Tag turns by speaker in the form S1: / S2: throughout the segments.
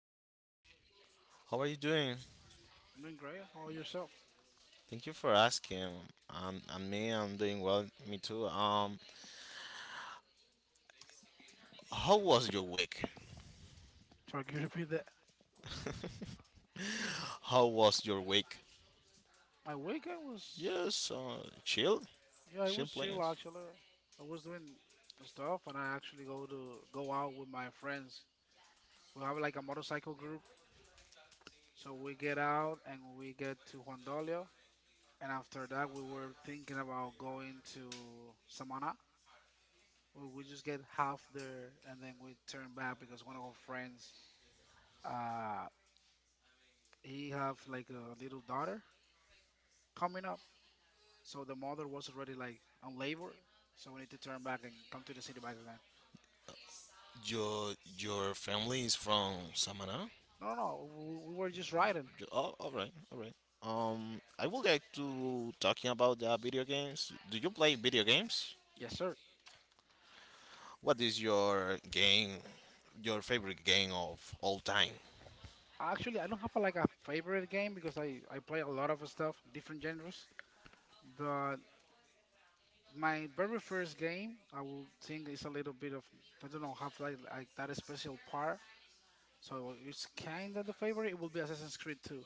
S1: hey,
S2: How are you doing?
S1: I'm doing great. How about yourself?
S2: Thank you for asking. And me, I'm doing well. Me too. How was your week?
S1: Sorry, could you repeat that?
S2: How was your week?
S1: My weekend was,
S2: Yes, chill,
S1: yeah, it
S2: chill
S1: was chill
S2: plans.
S1: actually. I was doing stuff, and I actually go to go out with my friends. We have like a motorcycle group, so we get out and we get to Juan Dolio, and after that we were thinking about going to Samana. We just get half there and then we turn back because one of our friends, uh, he have like a little daughter coming up. So the mother was already like on labor, so we need to turn back and come to the city back again.
S2: Your your family is from Samana.
S1: No, no, no, we were just riding.
S2: Oh, all right, all right. I would like to talking about the video games. Do you play video games?
S1: Yes, sir.
S2: What is your favorite game of all time?
S1: Actually, I don't have like a favorite game because I play a lot of stuff, different genres. But my very first game, I will think is a little bit of I don't know, have like that special part. So it's kind of the favorite. It will be Assassin's Creed 2.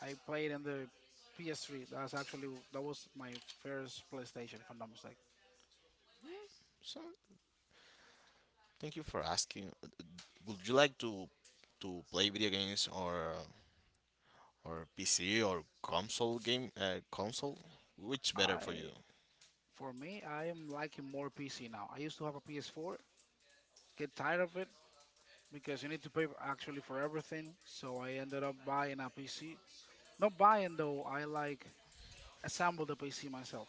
S1: I played on the PS3. That was my first PlayStation, if I'm not mistaken.
S2: So thank you for asking. Would you like to play video games, or PC or console game, console? Which better for
S1: I
S2: you?
S1: For me, I am liking more PC now. I used to have a PS4, get tired of it because you need to pay actually for everything. So I ended up buying a PC. Not buying though, I like assemble the PC myself.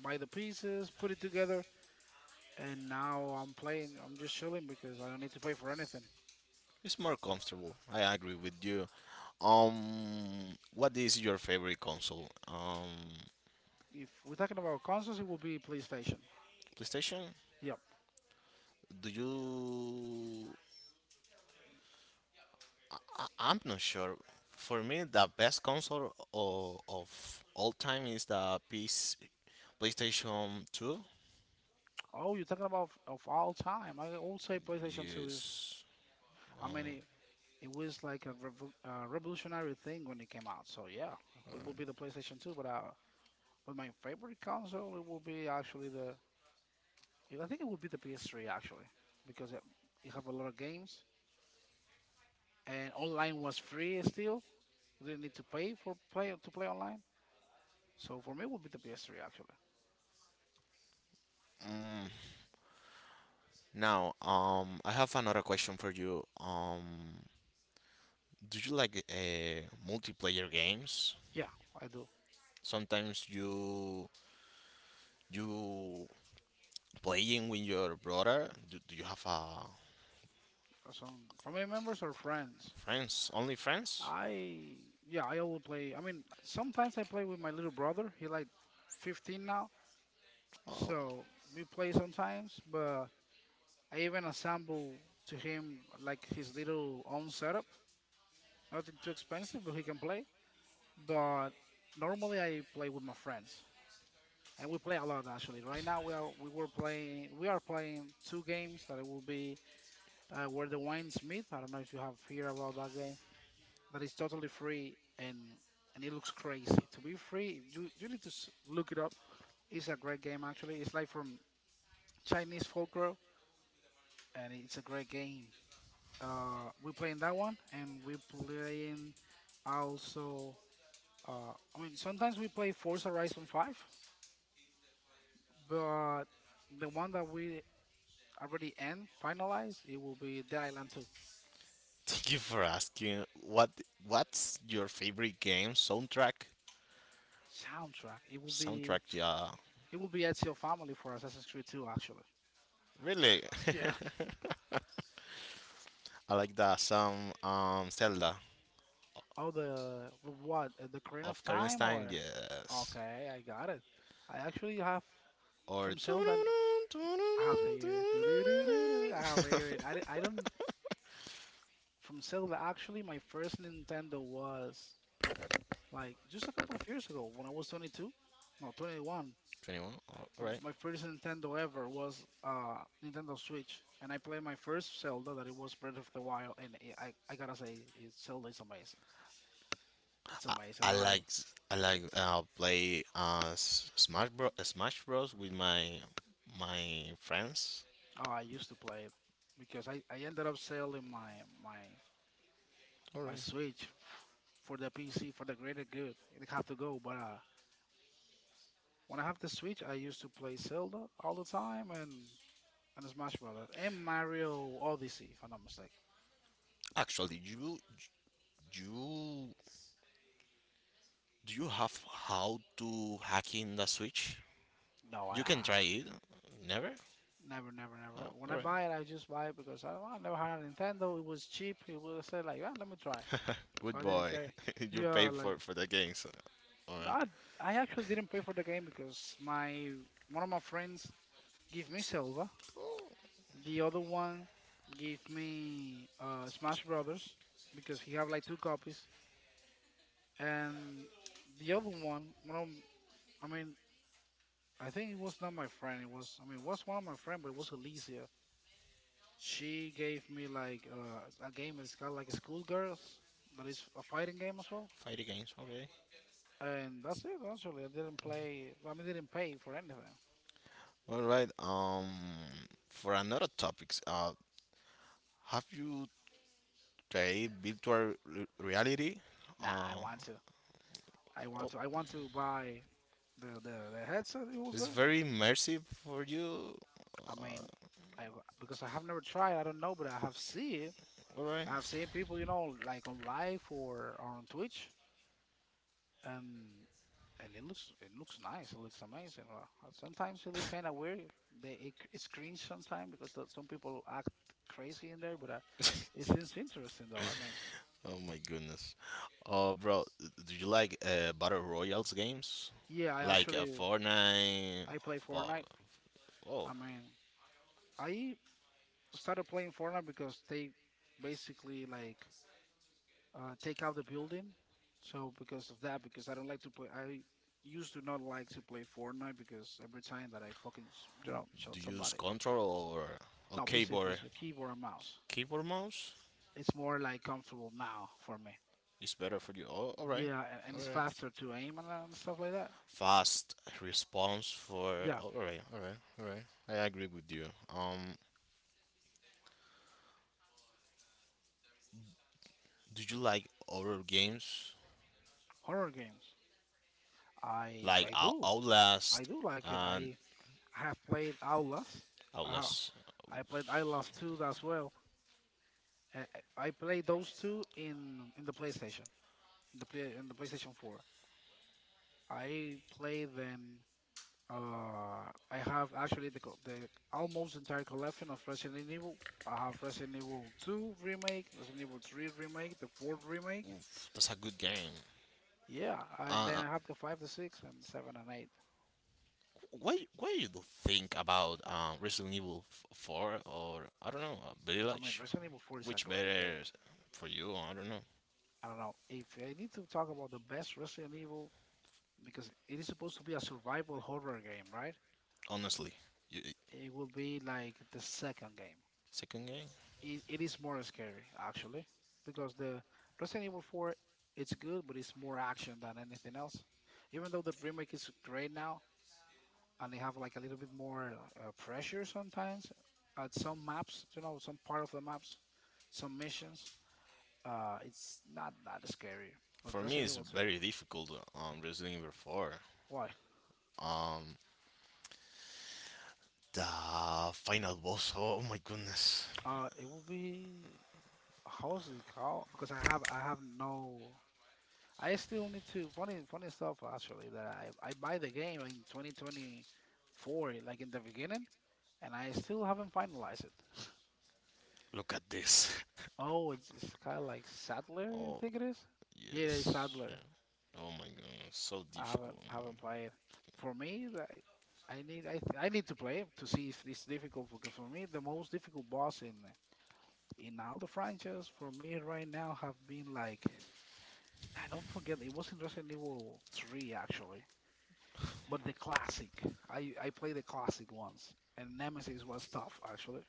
S1: Buy the pieces, put it together, and now I'm playing. I'm just chilling because I don't need to pay for anything.
S2: It's more comfortable. I agree with you. What is your favorite console?
S1: If we're talking about consoles, it will be PlayStation.
S2: PlayStation?
S1: Yep.
S2: Do you? I'm not sure. For me, the best console of all time is the PC, PlayStation Two.
S1: Oh, you're talking about of all time. I would say PlayStation 2 is.
S2: Yes.
S1: I
S2: Um,
S1: mean, it was like a revolutionary thing when it came out. So yeah, it will be the PlayStation 2, but but my favorite console it will be actually the I think it would be the PS3 actually because it have a lot of games and online was free still. We didn't need to pay for play to play online. So for me, it would be the PS3 actually.
S2: mm, I have another question for you. Do you like multiplayer games?
S1: Yeah, I do.
S2: Sometimes you you playing with your brother. Do you have
S1: Some family members or friends.
S2: friends? Only friends?
S1: I yeah, I always play. I mean, sometimes I play with my little brother. He like 15 now.
S2: Oh,
S1: So we play sometimes, but I even assemble to him like his little own setup. Nothing too expensive, but he can play. But normally I play with my friends, and we play a lot actually. Right now we are playing two games that it will be where the winds meet. I don't know if you have heard about that game. That is totally free and it looks crazy to be free. You need to look it up. It's a great game actually. It's like from Chinese folklore and it's a great game. We're playing that one, and we're playing also. I mean, sometimes we play Forza Horizon 5, but the one that we already end finalized, it will be Dead Island 2.
S2: thank you for asking. What what's your favorite game soundtrack?
S1: Soundtrack, it will be
S2: Soundtrack, yeah.
S1: Ezio Family for Assassin's Creed 2, actually.
S2: Really?
S1: Yeah.
S2: I like the song Zelda
S1: Oh, the what? The Korean of
S2: of Karen's
S1: Time
S2: Time.
S1: or?
S2: Yes.
S1: Okay, I got it. I actually have
S2: Or
S1: from Sylvan. I have here. I have here, and I don't from Zelda. Actually, my first Nintendo was like just a couple of years ago when I was 22, no, 21.
S2: 21. All right.
S1: My first Nintendo ever was Nintendo Switch, and I played my first Zelda that it was Breath of the Wild, and it, I gotta say, Zelda is amazing. It's
S2: I,
S1: amazing.
S2: I
S1: I like.
S2: like I like play S- Smash Bros. Smash Bros. With my my friends.
S1: Oh, I used to play it because I ended up selling my
S2: All
S1: my
S2: right.
S1: Switch for the PC for the greater good. It had to go, but when I have the Switch, I used to play Zelda all the time, and the Smash Brothers and Mario Odyssey, if I'm not mistaken.
S2: Actually, you do you have how to hack in the Switch?
S1: No, I
S2: You
S1: ha
S2: can try it. Never.
S1: never, never, never.
S2: Oh,
S1: When
S2: all
S1: I
S2: right.
S1: buy it, I just buy it because I never had a Nintendo. It was cheap. It was I said like, yeah, let me try. So
S2: Good
S1: I didn't
S2: boy.
S1: care.
S2: You pay
S1: Yeah, like
S2: for the games. All
S1: no,
S2: right.
S1: I actually didn't pay for the game because my one of my friends gave me Silva.
S2: Oh,
S1: The other one gave me Smash Brothers because he have like two copies, and the other one, I mean, I think it was not my friend. It was, I mean, it was one of my friend, but it was Alicia. She gave me like a game. It's kind of like a schoolgirls, that is a fighting game as well.
S2: fighting games. Okay.
S1: And that's it. Actually, I didn't play. I mean, didn't pay for anything.
S2: All right. For another topics, have you played virtual re- reality?
S1: Nah, I
S2: Uh,
S1: want to.
S2: oh,
S1: I want to buy the headset. It was.
S2: it's very immersive for you.
S1: I mean,
S2: Uh,
S1: I because I have never tried. I don't know, but I have seen it.
S2: all right.
S1: I have seen people, you know, like on live or on Twitch, and it looks nice. It looks amazing. Sometimes it look kind of weird. It's cringe sometimes because some people act crazy in there, but it seems interesting though. I mean,
S2: Oh my goodness. Bro, d- do you like battle royals games?
S1: yeah, I
S2: Like
S1: actually
S2: Fortnite?
S1: I play
S2: Oh,
S1: Fortnite.
S2: oh,
S1: I mean, I started playing Fortnite because they basically like take out the building. So because of that, because I don't like to play, I used to not like to play Fortnite because every time that I fucking you know
S2: do
S1: shot
S2: you use
S1: somebody,
S2: control, or
S1: no,
S2: keyboard?
S1: please, a keyboard and mouse.
S2: Keyboard mouse
S1: It's more like comfortable now for me.
S2: is better for you. Oh, all right.
S1: Yeah, and it's faster to aim and, stuff like that.
S2: Fast response for.
S1: Yeah,
S2: All right, all right, all right. I agree with you. Um, do you like horror games
S1: horror games. I
S2: like
S1: I
S2: Out-
S1: do I
S2: Outlast
S1: do like it.
S2: and
S1: I have played Outlast. Uh,
S2: Outlast?
S1: I played Outlast 2 as well. Uh, I played those two in the PlayStation, in the PlayStation 4. I played then. Uh, I have actually the almost entire collection of Resident Evil. I have Resident Evil 2 remake, Resident Evil 3 remake, the fourth remake,
S2: That's a good game.
S1: yeah, and
S2: Uh,
S1: then
S2: uh,
S1: I have the five, the six, and seven and eight.
S2: what do you think about Resident Evil f- Four or I don't know
S1: I mean,
S2: Village?
S1: Resident Evil 4 is a
S2: Which
S1: great
S2: better
S1: game.
S2: for you? I don't know.
S1: I don't know if I need to talk about the best Resident Evil because it is supposed to be a survival horror game, right?
S2: Honestly, you,
S1: It would be like the second game.
S2: second game
S1: It is more scary actually because the Resident Evil 4 it's good, but it's more action than anything else. Even though the remake is great now and they have like a little bit more pressure sometimes at some maps, you know, some part of the maps, some missions. It's not that scary, but
S2: for me
S1: Resident
S2: is
S1: Evil 2.
S2: very difficult um, Resident Evil Four.
S1: Why?
S2: Um, The final boss. Oh my goodness.
S1: It will be how is it called? Because I have no. I still need to funny funny stuff actually that I buy the game in 2024 like in the beginning and I still haven't finalized it.
S2: Look at this.
S1: Oh, it's kind of like Sadler, I
S2: Oh,
S1: think it is. Yeah, yeah, it's
S2: yes.
S1: Sadler.
S2: Yeah. Oh my goodness. So
S1: I haven't
S2: difficult.
S1: haven't played it. For me, that I need to play it to see if it's difficult because for me the most difficult boss in all the franchise for me right now have been like I don't forget it was in Resident Evil 3 actually, but the classic. I played the classic ones, and Nemesis was tough actually.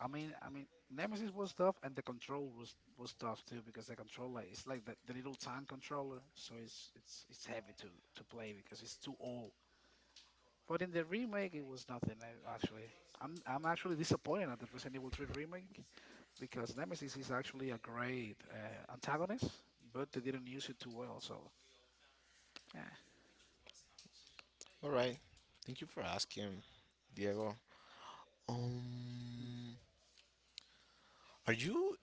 S1: I mean Nemesis was tough, and the control was tough too because the controller it's like the little tank controller, so it's it's heavy to play because it's too old. But in the remake, it was nothing actually. I'm actually disappointed at the Resident Evil 3 remake because Nemesis is actually a great antagonist, but they didn't use it too well. So, eh.
S2: All right. Thank you for asking, Diego.
S1: Hmm.
S2: Um, are you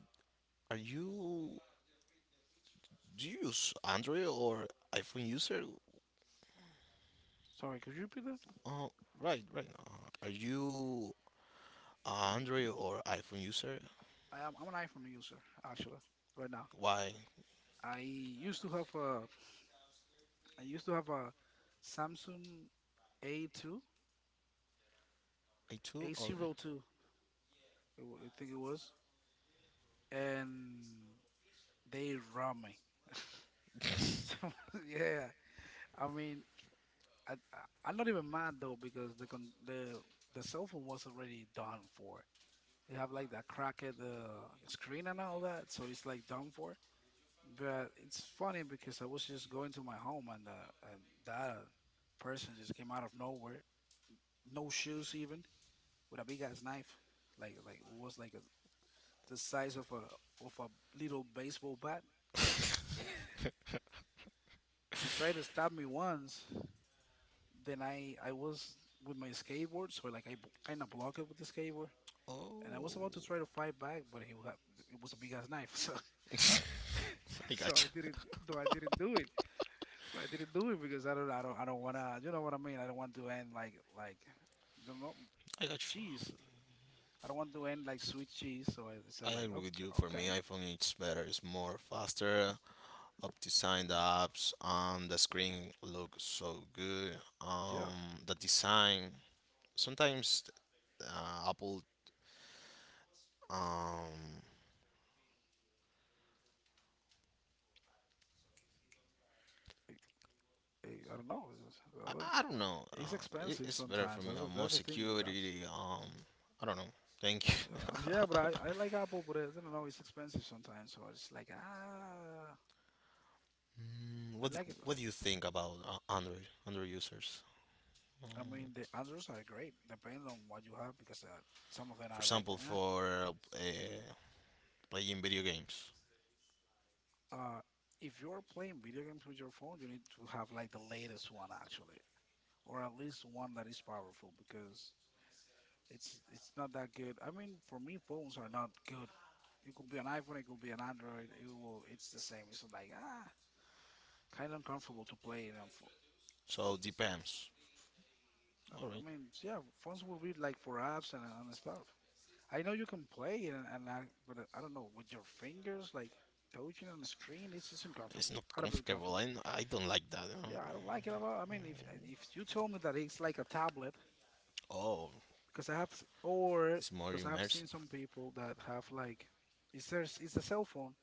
S2: are you Do you use Android or iPhone user?
S1: Sorry, could you repeat that?
S2: Uh, right, right. Are you a Android or iPhone user?
S1: I'm an iPhone user actually right now.
S2: Why?
S1: I used to have a I used to have a Samsung A2,
S2: I too. All right.
S1: A02. I think it was, and they robbed me. So, yeah, I mean, I'm not even mad though because the cell phone was already done for. They have like that crack at the screen and all that, so it's like done for. But it's funny because I was just going to my home and that person just came out of nowhere, no shoes even, with a big ass knife, like it was like the size of a little baseball bat. He tried to stab me once. Then I was with my skateboard, so like I kind of blocked it with the skateboard, and I
S2: Oh,
S1: was about to try to fight back, but it was a big ass knife, so
S2: I
S1: so I
S2: got you.
S1: didn't though I didn't do it. So I didn't do it because I don't wanna. You know what I mean? I don't want to end like, you know,
S2: I got you.
S1: cheese. I don't want to end like sweet cheese. So I said
S2: I
S1: like,
S2: agree with
S1: okay,
S2: you. For me,
S1: okay,
S2: iPhone it's better. It's more faster. Up design the apps. The screen looks so good.
S1: yeah.
S2: The design. Sometimes Apple. Um,
S1: I don't know. It's,
S2: I,
S1: uh,
S2: I don't know.
S1: it's
S2: It,
S1: expensive
S2: it's better for
S1: sometimes.
S2: me.
S1: That's the-
S2: More
S1: that's the thing with apple.
S2: security. I don't know. Thank you.
S1: Yeah, yeah, but I, I like apple, but I don't know. It's expensive sometimes. So it's like ah,
S2: Mm,
S1: I
S2: what d-
S1: like it though.
S2: What do you think about Android Android users?
S1: I mean,
S2: Um,
S1: the Androids are great. Depends on what you have because some of them
S2: for
S1: are like
S2: example,
S1: eh.
S2: for uh, playing video games.
S1: Uh, if you're playing video games with your phone, you need to have like the latest one actually, or at least one that is powerful because it's not that good. I mean, for me, phones are not good. It could be an iPhone, it could be an Android. It's the same. It's like ah, kind of uncomfortable to play it on phone.
S2: So depends. All
S1: I
S2: right.
S1: mean, so yeah, phones will be like for apps and stuff. I know you can play it, and but I don't know with your fingers like touching on the screen. It's
S2: It's
S1: uncomfortable.
S2: not
S1: Gotta be
S2: comfortable.
S1: uncomfortable.
S2: I don't like that.
S1: Yeah, I don't like it at all. I mean, if you told me that it's like a tablet,
S2: Oh,
S1: because I have, s- or
S2: it's more
S1: because I have seen
S2: immersive.
S1: some people that have like, it's a cell phone,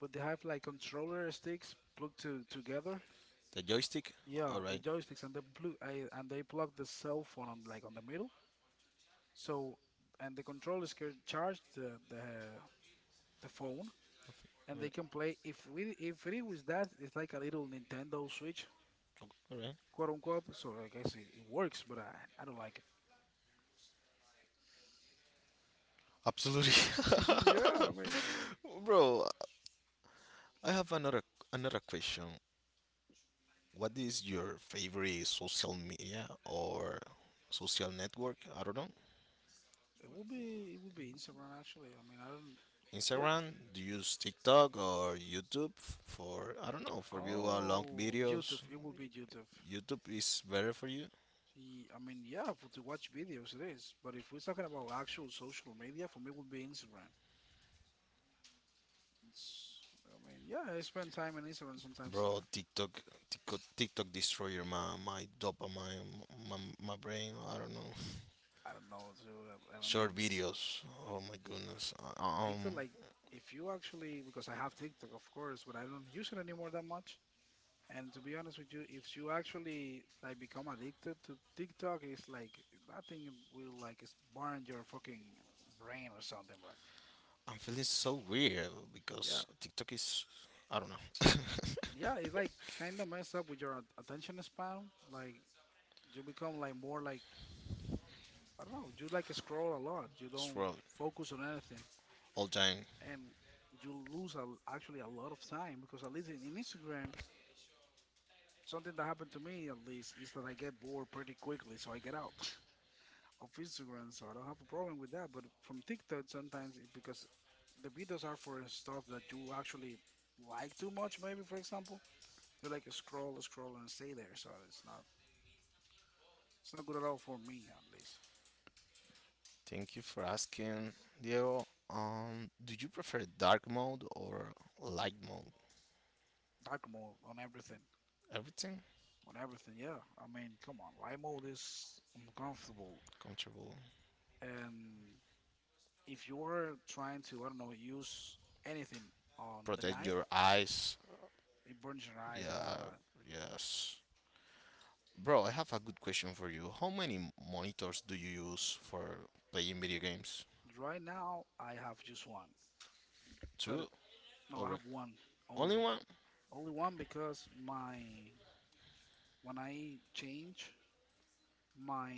S1: but they have like controller sticks plugged to together.
S2: The joystick.
S1: Yeah,
S2: All
S1: the
S2: right.
S1: joysticks and and they plug the cell phone on like on the middle. So, and the controllers can charge the phone, and
S2: All
S1: they
S2: right.
S1: can play. If it was that, it's like a little Nintendo Switch,
S2: All right.
S1: quote unquote. So I guess it, it works, but I don't like it.
S2: Absolutely.
S1: Yeah, I mean,
S2: Bro, I have another another question. What is your favorite social media or social network? I don't know.
S1: it will be Instagram actually. I mean, I don't. Yeah.
S2: Instagram? Do you use TikTok or YouTube for I don't know for view long
S1: Oh, YouTube.
S2: videos?
S1: It will be YouTube.
S2: YouTube is better for you.
S1: Ye- I mean, yeah, for to watch videos it is. But if we're talking about actual social media, for me, it would be Instagram. It's. I mean, yeah, I spend time on Instagram sometimes.
S2: Bro, TikTok, TikTok, TikTok destroyer, my dopamine, my brain. I don't know.
S1: I don't know. Too. I, I mean,
S2: Short
S1: it-
S2: videos. Oh my goodness.
S1: TikTok like if you actually, because I have TikTok of course, but I don't use it anymore that much. And to be honest with you, if you actually like become addicted to TikTok, it's like that thing will like s- burn your fucking brain or something, bro.
S2: I'm feeling so weird
S1: Yeah,
S2: because TikTok is, I don't know,
S1: yeah, it's like kind of messed up with your at- attention span. Like you become like more like I don't know. You like scroll a lot. You don't
S2: swirl
S1: focus on anything,
S2: all time.
S1: and you lose a, actually a lot of time because at least in Instagram, something that happened to me at least is that I get bored pretty quickly, so I get out of Instagram, so I don't have a problem with that. But from TikTok, sometimes it, because the videos are for stuff that you actually like too much, maybe for example, you like scroll, scroll, and stay there. So it's not good at all for me, at least.
S2: Thank you for asking, Diego. Do you prefer dark mode or light mode?
S1: Dark mode on everything,
S2: Everything
S1: on everything. Yeah, I mean, come on, light mode is uncomfortable,
S2: comfortable.
S1: and if you're trying to, I don't know, use anything on the
S2: Protect
S1: night,
S2: your eyes.
S1: it burns your eyes and all
S2: Yeah.
S1: that.
S2: Yes. Bro, I have a good question for you. How many m- monitors do you use for playing video games?
S1: Right now, I have just one, but
S2: Two?
S1: no, I
S2: Alright.
S1: have one
S2: Only
S1: only.
S2: one?
S1: Only one because my when I change my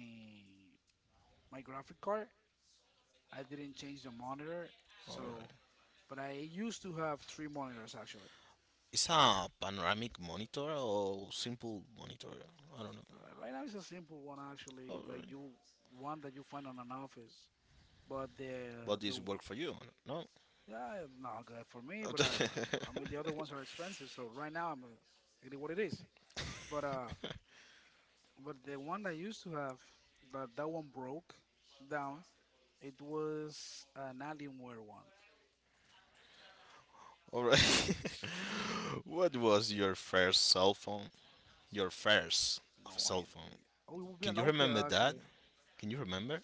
S1: my graphic card, I didn't change the monitor. So,
S2: Alright.
S1: but I used to have three monitors actually.
S2: Is a panoramic monitor or simple monitor? I don't know.
S1: R- Right now it's a simple one actually, like
S2: Alright.
S1: you one that you find on an office. But
S2: But
S1: the
S2: this work
S1: one-
S2: for you? No?
S1: yeah, not good for me. But I I mean the other ones are expensive. So right now I'm it is what it is. But uh, but the one I used to have that one broke down. It was an Alienware one.
S2: Alright. What was your first cell phone? Your first
S1: No, I.
S2: cell phone.
S1: Oh, it would be a
S2: Can you remember
S1: Nokia
S2: that?
S1: actually.
S2: Can you remember?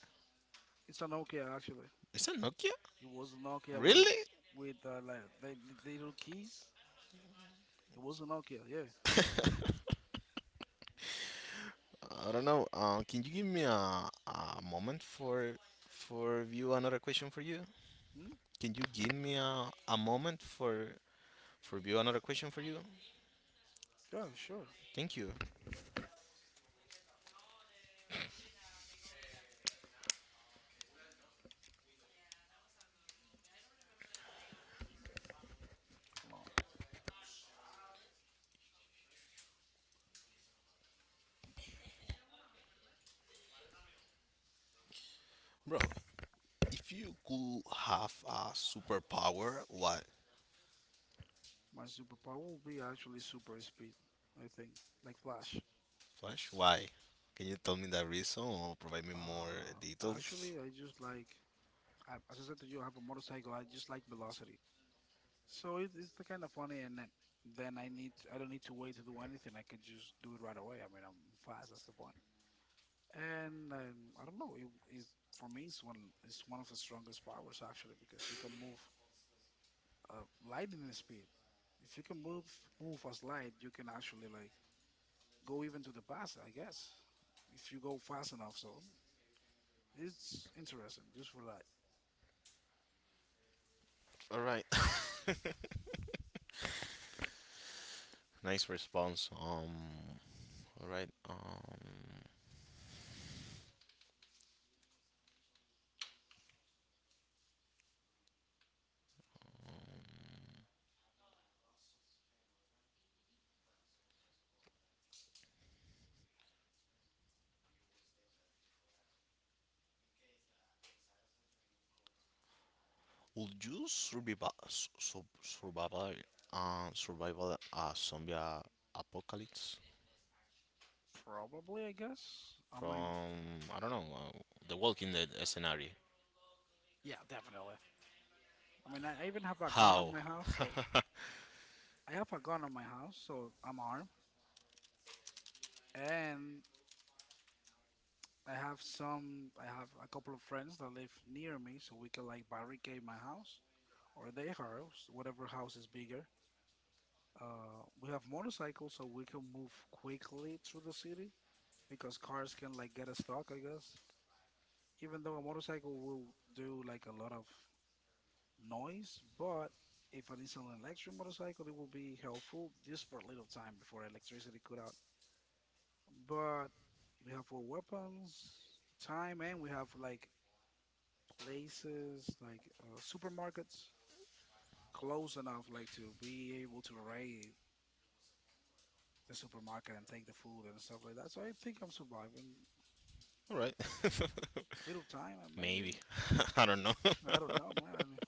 S1: It's a Nokia actually.
S2: Is that Nokia?
S1: It was a Nokia
S2: Really?
S1: with little keys. It was a Nokia. Yeah.
S2: I don't know. Can you give me a moment for view another question for you?
S1: Hmm?
S2: Can you give me a moment for view another question for you?
S1: Yeah. Sure.
S2: Thank you,
S1: Hold on.
S2: bro. If you could have a superpower, what?
S1: My superpower will be actually super speed. I think like Flash.
S2: Flash? Why? Can you tell me the reason or provide me more
S1: Uh,
S2: details?
S1: Actually, I just like as I said to you, I have a motorcycle. I just like velocity. So it's the kind of funny, and then I don't need to wait to do anything. I can just do it right away. I mean, I'm fast. That's the point. And I don't know. It is for me. It's one. It's one of the strongest powers actually because you can move lightning speed. If you can move as light, you can actually like go even to the past. I guess if you go fast enough. So it's interesting just for that.
S2: All right. Nice response. All right. Would you survive su- survive a- survive a zombie a- apocalypse
S1: Probably, I guess. I mean,
S2: from I don't know the Walking Dead scenario?
S1: yeah, definitely. I mean, I even have a gun on
S2: How?
S1: my house, so I have a gun on my house, so I'm armed, and I have some. I have a couple of friends that live near me, so we can like barricade my house or their house, whatever house is bigger. We have motorcycles, so we can move quickly through the city because cars can like get us stuck, I guess. Even though a motorcycle will do like a lot of noise, but if it is an electric motorcycle, it will be helpful just for a little time before electricity cut out. But we have for weapons, time, and we have like places like supermarkets close enough like to be able to raid the supermarket and take the food and stuff like that. So I think I'm surviving
S2: All right,
S1: a little time, and maybe
S2: maybe I don't know.
S1: I don't know, man. I mean,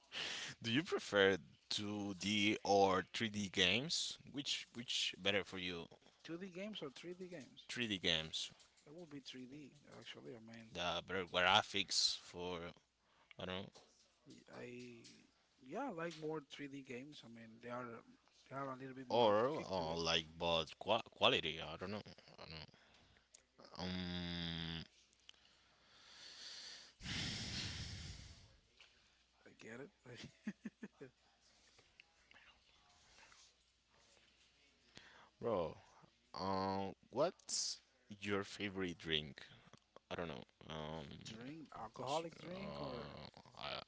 S2: Do you prefer 2D or 3D games? Which better for you?
S1: 2D games or 3D games?
S2: 3D games,
S1: It will be 3D actually. I mean,
S2: the better graphics for I don't know
S1: y- I yeah, I like more 3D games. I mean, they are a little bit more of
S2: or
S1: kick to it.
S2: like but qua quality. I don't know. I don't know. Um,
S1: I get it. I
S2: bro. What's your favorite drink? I don't know.
S1: drink alcoholic drink or
S2: Uh, I,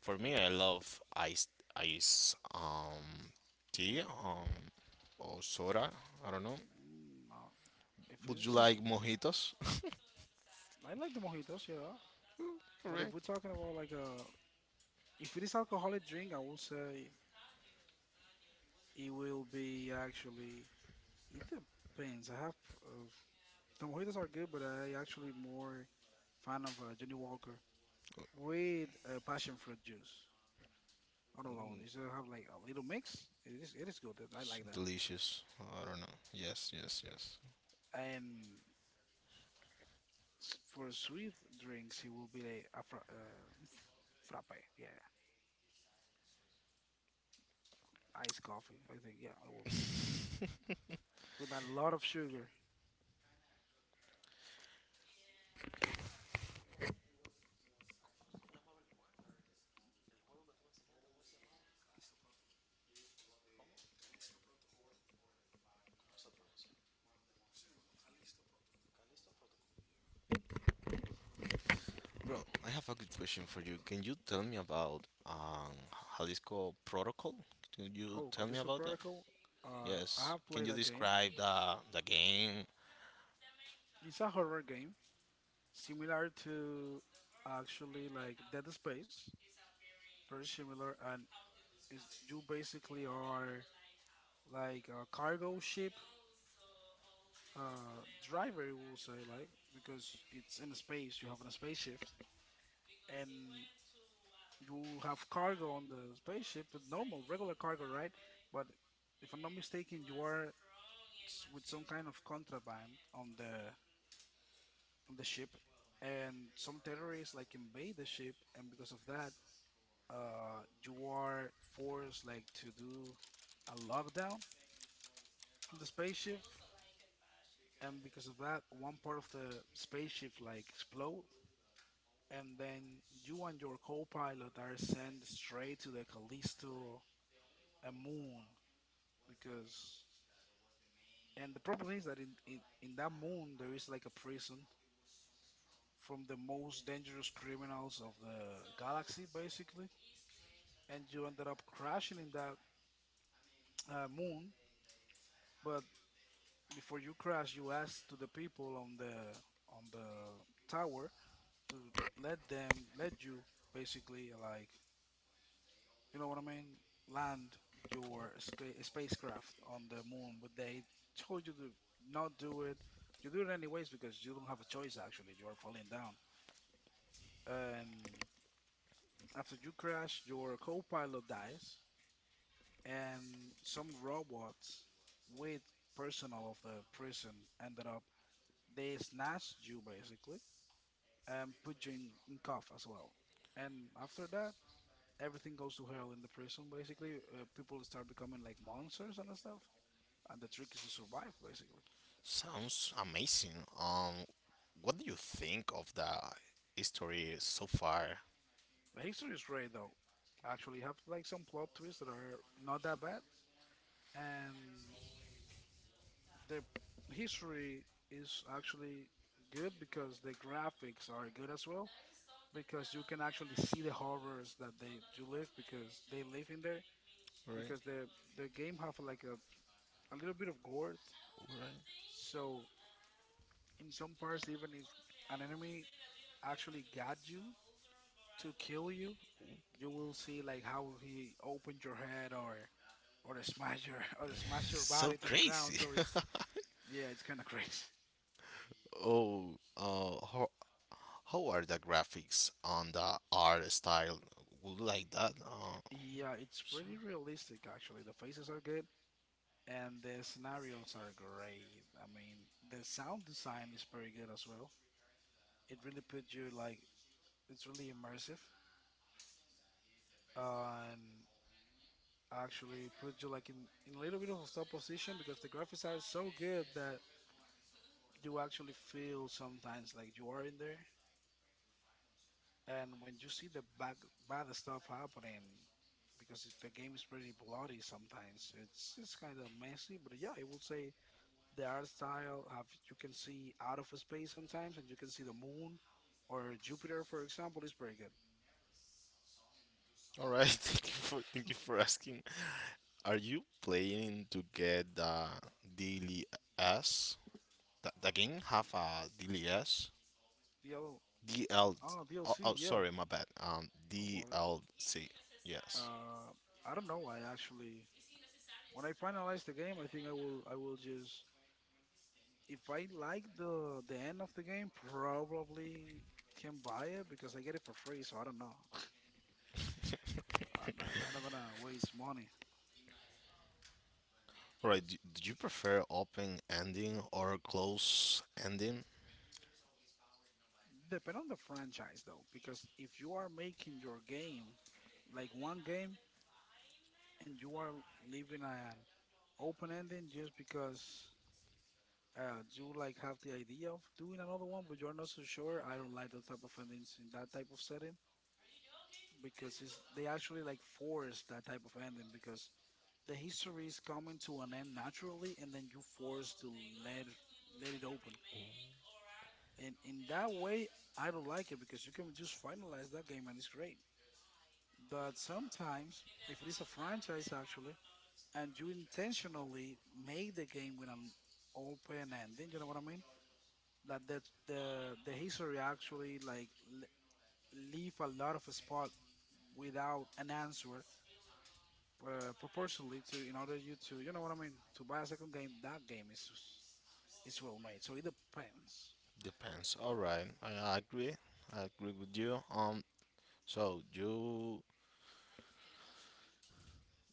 S2: for me, I love iced ice tea or soda. I don't know.
S1: mm, no. If
S2: Would
S1: it's
S2: you
S1: just,
S2: like mojitos?
S1: I like the mojitos, yeah. But if we're
S2: Correct.
S1: talking about like a, if it is alcoholic drink, I will say it will be actually. It depends. I have uh, the mojitos are good, but I actually more fan of Johnny Walker with passion fruit juice. Not alone.
S2: Ooh,
S1: It's have like a little mix.
S2: it's
S1: It is good. I like that.
S2: delicious. I don't know. Yes, yes, yes.
S1: And s- for sweet drinks, it will be a frappe. Yeah, iced coffee. I think yeah, it will be, with a lot of sugar.
S2: Bro, I have a good question for you. Can you tell me about Jalisco Protocol? Can you
S1: Oh,
S2: tell me
S1: Callisto
S2: about that?
S1: Protocol. I
S2: Yes.
S1: have
S2: Can
S1: played
S2: you
S1: that game.
S2: describe the game?
S1: It's a horror game, similar to actually like Dead Space. Very similar, and is you basically are like a cargo ship driver, we will say, like because it's in space. You have a spaceship, and you have cargo on the spaceship, but normal, regular cargo, right? But if I'm not mistaken, you are s- with some kind of contraband on the on the ship, and some terrorists like invade the ship, and because of that, you are forced like to do a lockdown on the spaceship, and because of that, one part of the spaceship like explode, and then you and your co-pilot are sent straight to the Callisto, a moon, because and the problem is that in that moon there is like a prison from the most dangerous criminals of the galaxy, basically, and you ended up crashing in that moon. But before you crash, you asked to the people on the tower to let them let you basically like you know what I mean land your sca- spacecraft on the moon, but they told you to not do it. You do it anyways because you don't have a choice. Actually, you are falling down, and after you crash, your co-pilot dies, and some robots with personnel of the prison ended up they snatched you basically and put you in cuff as well. And after that, everything goes to hell in the prison basically. People start becoming like monsters and stuff, and the trick is to survive basically.
S2: Sounds amazing. What do you think of the history so far?
S1: The history is great though. Actually, you have like some plot twists that are not that bad, and the history is actually good because the graphics are good as well because you can actually see the horrors that they you live because they live in there
S2: All right,
S1: because the game have like a little bit of gore
S2: all right.
S1: so in some parts even if an enemy actually got you to kill you you will see like how he opened your head or smash your or smash your
S2: So
S1: body to the ground
S2: crazy.
S1: so it's yeah it's kind of crazy
S2: Oh, how are the graphics on the art style? Would you like that?
S1: yeah it's pretty realistic actually. The faces are good and the scenarios are great. I mean, the sound design is very good as well. It really puts you like it's really immersive and actually puts you like in a little bit of a tough position because the graphics are so good that you actually feel sometimes like you are in there. And when you see the bad stuff happening, because the game is pretty bloody sometimes, it's kind of messy. But yeah, I would say the art style have you can see out of space sometimes and you can see the moon or Jupiter for example is pretty good.
S2: All right. Thank you for asking. Are you planning to get the DLS? Th- game have a DLS?
S1: DL
S2: DL.
S1: oh
S2: Oh,
S1: DLC,
S2: oh,
S1: yeah.
S2: sorry, my bad.
S1: I want it.
S2: DLC. Yes.
S1: Uh I don't know. I actually when I finalize the game I think I will just if I like the end of the game probably can buy it because I get it for free so I don't know. I'm not gonna waste money.
S2: All right. Do you prefer open ending or close ending?
S1: Depend on the franchise though, because if you are making your game like one game and you are leaving an open ending just because you like have the idea of doing another one, but you're not so sure. I don't like those type of endings in that type of setting because they actually like force that type of ending because the history is coming to an end naturally, and then you force to let it- let it open. And in that way, I don't like it because you can just finalize that game and it's great. But sometimes, if it is a franchise, actually and you intentionally make the game with an open ending. You know what I mean? Like that the history actually like leave a lot of spot without an answer proportionally to in order you to you know what I mean to buy a second game. That game is just- it's well made. So it depends.
S2: Depends. All right. I agree. I agree with you. So you,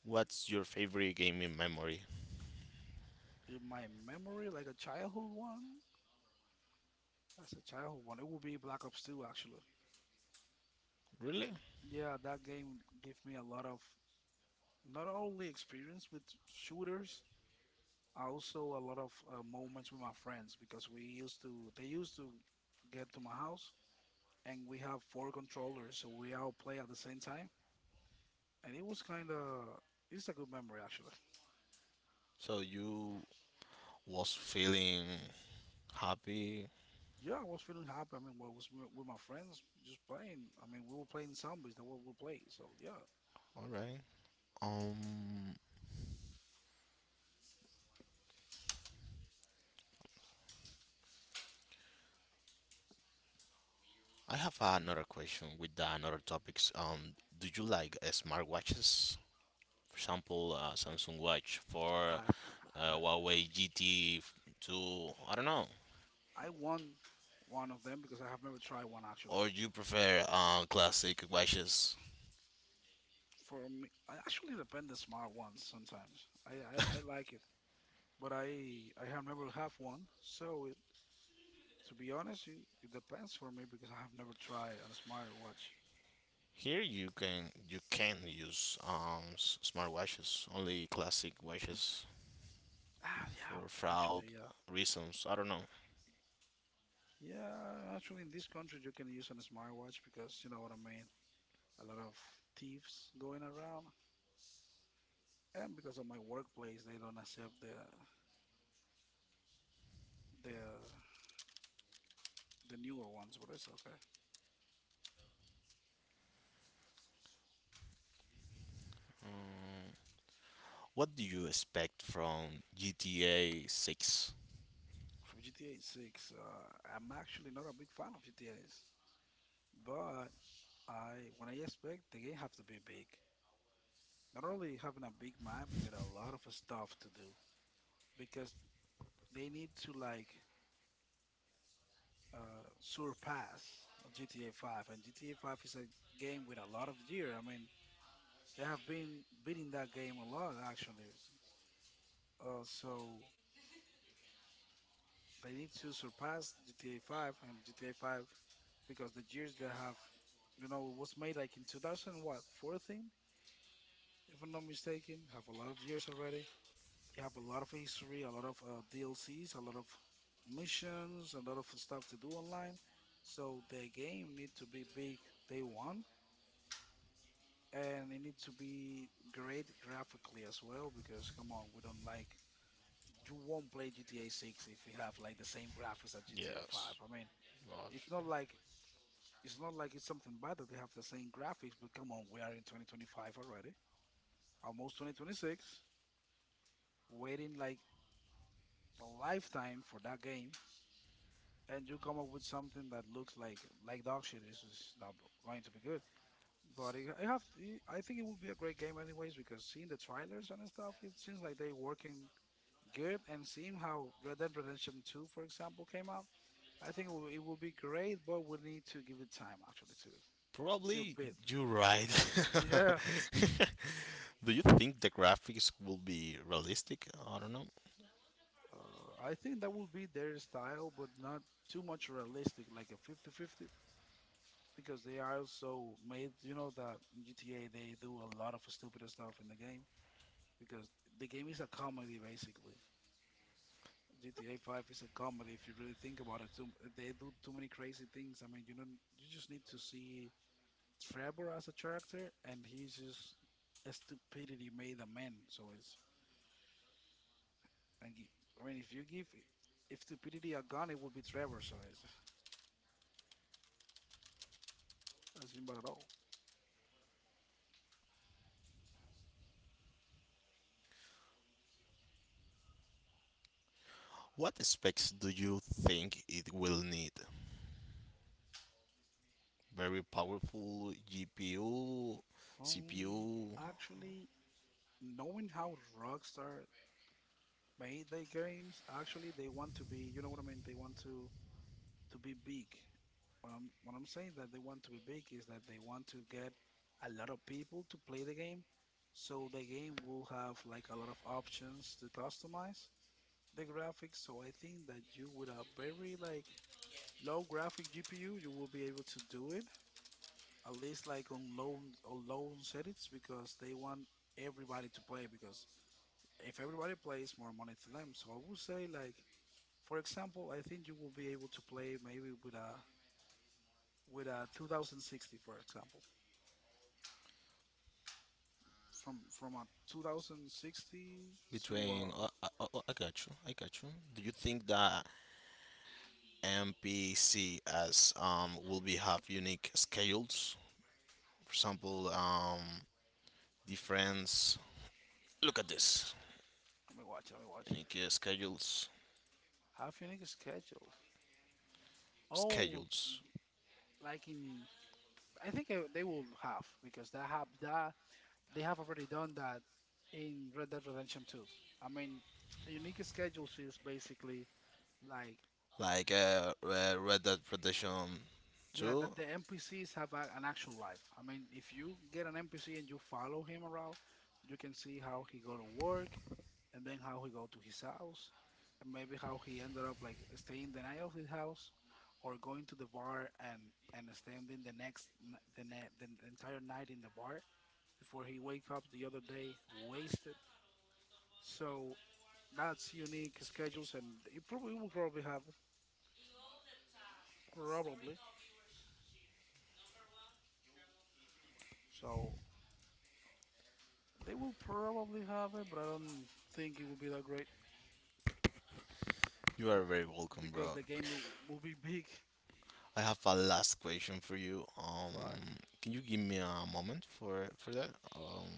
S2: what's your favorite game in memory?
S1: In my memory, like as a childhood one. It would be Black Ops 2 actually.
S2: Really?
S1: Yeah, that game gave me a lot of not only experience with shooters. Also, a lot of moments with my friends because they used to get to my house and we have four controllers, so we all play at the same time. And it was kind of, it's a good memory actually.
S2: So you was feeling happy.
S1: Yeah, I was feeling happy. I mean, well, I was with my friends just playing. I mean, we were playing zombies, that what we play. So yeah,
S2: All right. Um, I have another question with the another topics. Do you like smartwatches? For example, Samsung Watch for
S1: i
S2: Huawei GT2. I don't know.
S1: I won one of them because I have never tried one actually.
S2: Or you prefer classic watches?
S1: For me, I actually depend the smart ones sometimes. I like it, but I have never have one, so to be honest, it depends for me because I have never tried a smartwatch.
S2: Here you can use s- smartwatches, only classic watches
S1: Ah, yeah,
S2: for fraud
S1: actually, yeah.
S2: reasons. I don't know.
S1: Yeah, actually, in this country, you can use a smartwatch because you know what I mean. A lot of thieves going around, and because of my workplace, they don't accept the the newer ones, but it's okay.
S2: Mm. What do you expect from GTA 6?
S1: For GTA 6, I'm actually not a big fan of GTA's, but I when I expect the game have to be big. Not only having a big map, but a lot of stuff to do. Because they need to like surpass GTA 5, and GTA 5 is a game with a lot of year. I mean, they have been beating that game a lot actually. So they need to surpass GTA 5 and GTA 5 because the years that have, you know, it was made like in 2000 what 14, if I'm not mistaken, have a lot of years already. You have a lot of history, a lot of DLCs, a lot of missions, a lot of stuff to do online. So the game need to be big day one, and it needs to be great graphically as well. Because come on, we don't like you won't play GTA 6 if you have like the same graphics as GTA 5.
S2: Yes.
S1: I mean, it's
S2: Gosh.
S1: not like it's not like it's something bad that they have the same graphics, but come on, we are in 2025 already, almost 2026, waiting like a lifetime for that game and you come up with something that looks like dog shit, it's just not going to be good. But I have, I think it would be a great game anyways because seeing the trailers and stuff, it seems like they're working good. And seeing how Red Dead Redemption 2, for example, came out, I think it will be great. But we need to give it time actually to
S2: Probably
S1: build.
S2: you're right.
S1: Yeah,
S2: Do you think the graphics will be realistic? I don't know.
S1: I think that will be their style, but not too much realistic, like a 50-50, because they are also made. You know that in GTA they do a lot of stupid stuff in the game, because the game is a comedy basically. GTA 5 is a comedy if you really think about it. Too, they do too many crazy things. I mean, you know, you just need to see Trevor as a character, and he's just a stupidity made a man. So and he- I mean, if you give if stupidity a gun, it would be Trevor. So it's that's about at all.
S2: What specs do you think it will need? Very powerful GPU,
S1: Um,
S2: CPU.
S1: Actually, knowing how Rockstar made their games, actually they want to be. You know what I mean? They want to be big. What I'm saying that they want to be big is that they want to get a lot of people to play the game, so the game will have like a lot of options to customize the graphics. So I think that you with a very like low graphic GPU, you will be able to do it at least like on low settings because they want everybody to play because if everybody plays, more money to them. So I would say like for example, I think you will be able to play maybe with a 2060, for example, from a 2060 to
S2: Between, I got you. I got you. Do you think that MPCs will be have unique schedules? For example, difference. Look at this
S1: let me watch, let me watch.
S2: unique schedules.
S1: Half unique schedule. Oh,
S2: Schedules
S1: like in I think they will have because that have that they have already done that in Red Dead Redemption 2. I mean, unique schedules is basically like
S2: like Red Dead Redemption
S1: yeah,
S2: Two.
S1: that the NPCs have an actual life. I mean, if you get an NPC and you follow him around, you can see how he go to work, and then how he go to his house, and maybe how he ended up like staying the night of his house, or going to the bar and spending the next the entire night in the bar before he wake up the other day wasted. So that's unique schedules, and it probably will probably have it, probably. So they will probably have it, but I don't think it will be that great
S2: You are
S1: bec-
S2: very welcome,
S1: because
S2: bro.
S1: will be big.
S2: I have a last question for you.
S1: But
S2: Can you give me a moment for that? Um,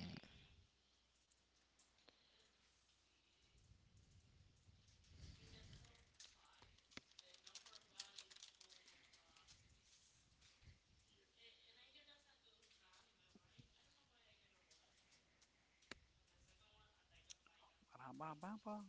S1: ba-dum-bam-bam-bam.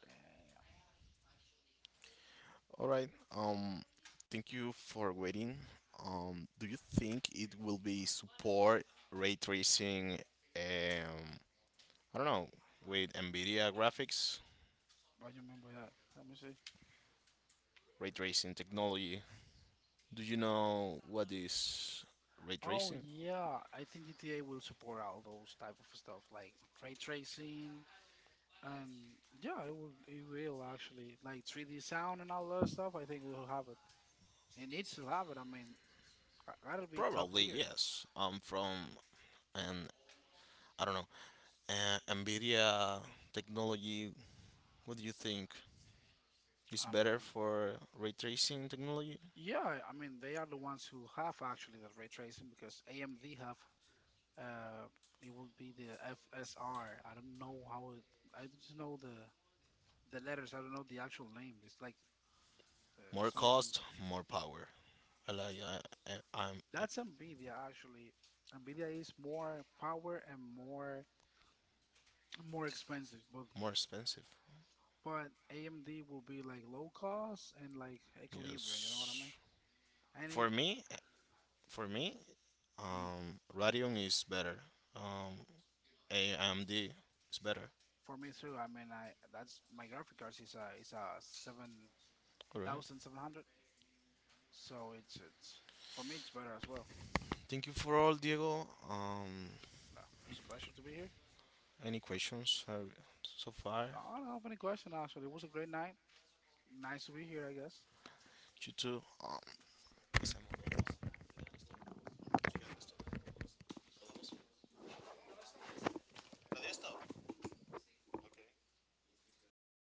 S1: Damn,
S2: All right. Um, thank you for waiting. Do you think it will be support ray tracing? Um, I don't know, with NVIDIA graphics,
S1: I remember that. Let me see.
S2: ray tracing technology. Do you know what is ray
S1: Oh
S2: tracing?
S1: yeah, I think GTA will support all those type of stuff like ray tracing and yeah, it will actually like 3D sound and all that stuff. I think we'll have it. It needs to have it. I mean, I gotta be top
S2: Probably
S1: tier.
S2: yes. I from an I don't know, NVIDIA technology. What do you think is
S1: I mean,
S2: better for ray tracing technology?
S1: yeah, I mean they are the ones who have actually the ray tracing because AMD have uh it will be the FSR. I don't know how it, I just know the letters. I don't know the actual name. It's like uh,
S2: More
S1: something
S2: cost, more power. I like I I'm
S1: that's NVIDIA actually. NVIDIA is more power and more expensive, but
S2: more expensive.
S1: but AMD will be like low cost and like equilibrium. You know what I mean?
S2: Yes.
S1: Any
S2: For me, for me,
S1: um,
S2: Radeon is better. Um, AMD is better.
S1: for me too. I mean I that's my graphic cards is a seven
S2: All right.
S1: thousand seven hundred. So it's for me it's better as well.
S2: Thank you for all, Diego.
S1: No, it was a pleasure to be here.
S2: Any questions so far?
S1: No, I don't have any question actually. It was a great night. Nice to be here, I guess.
S2: You too.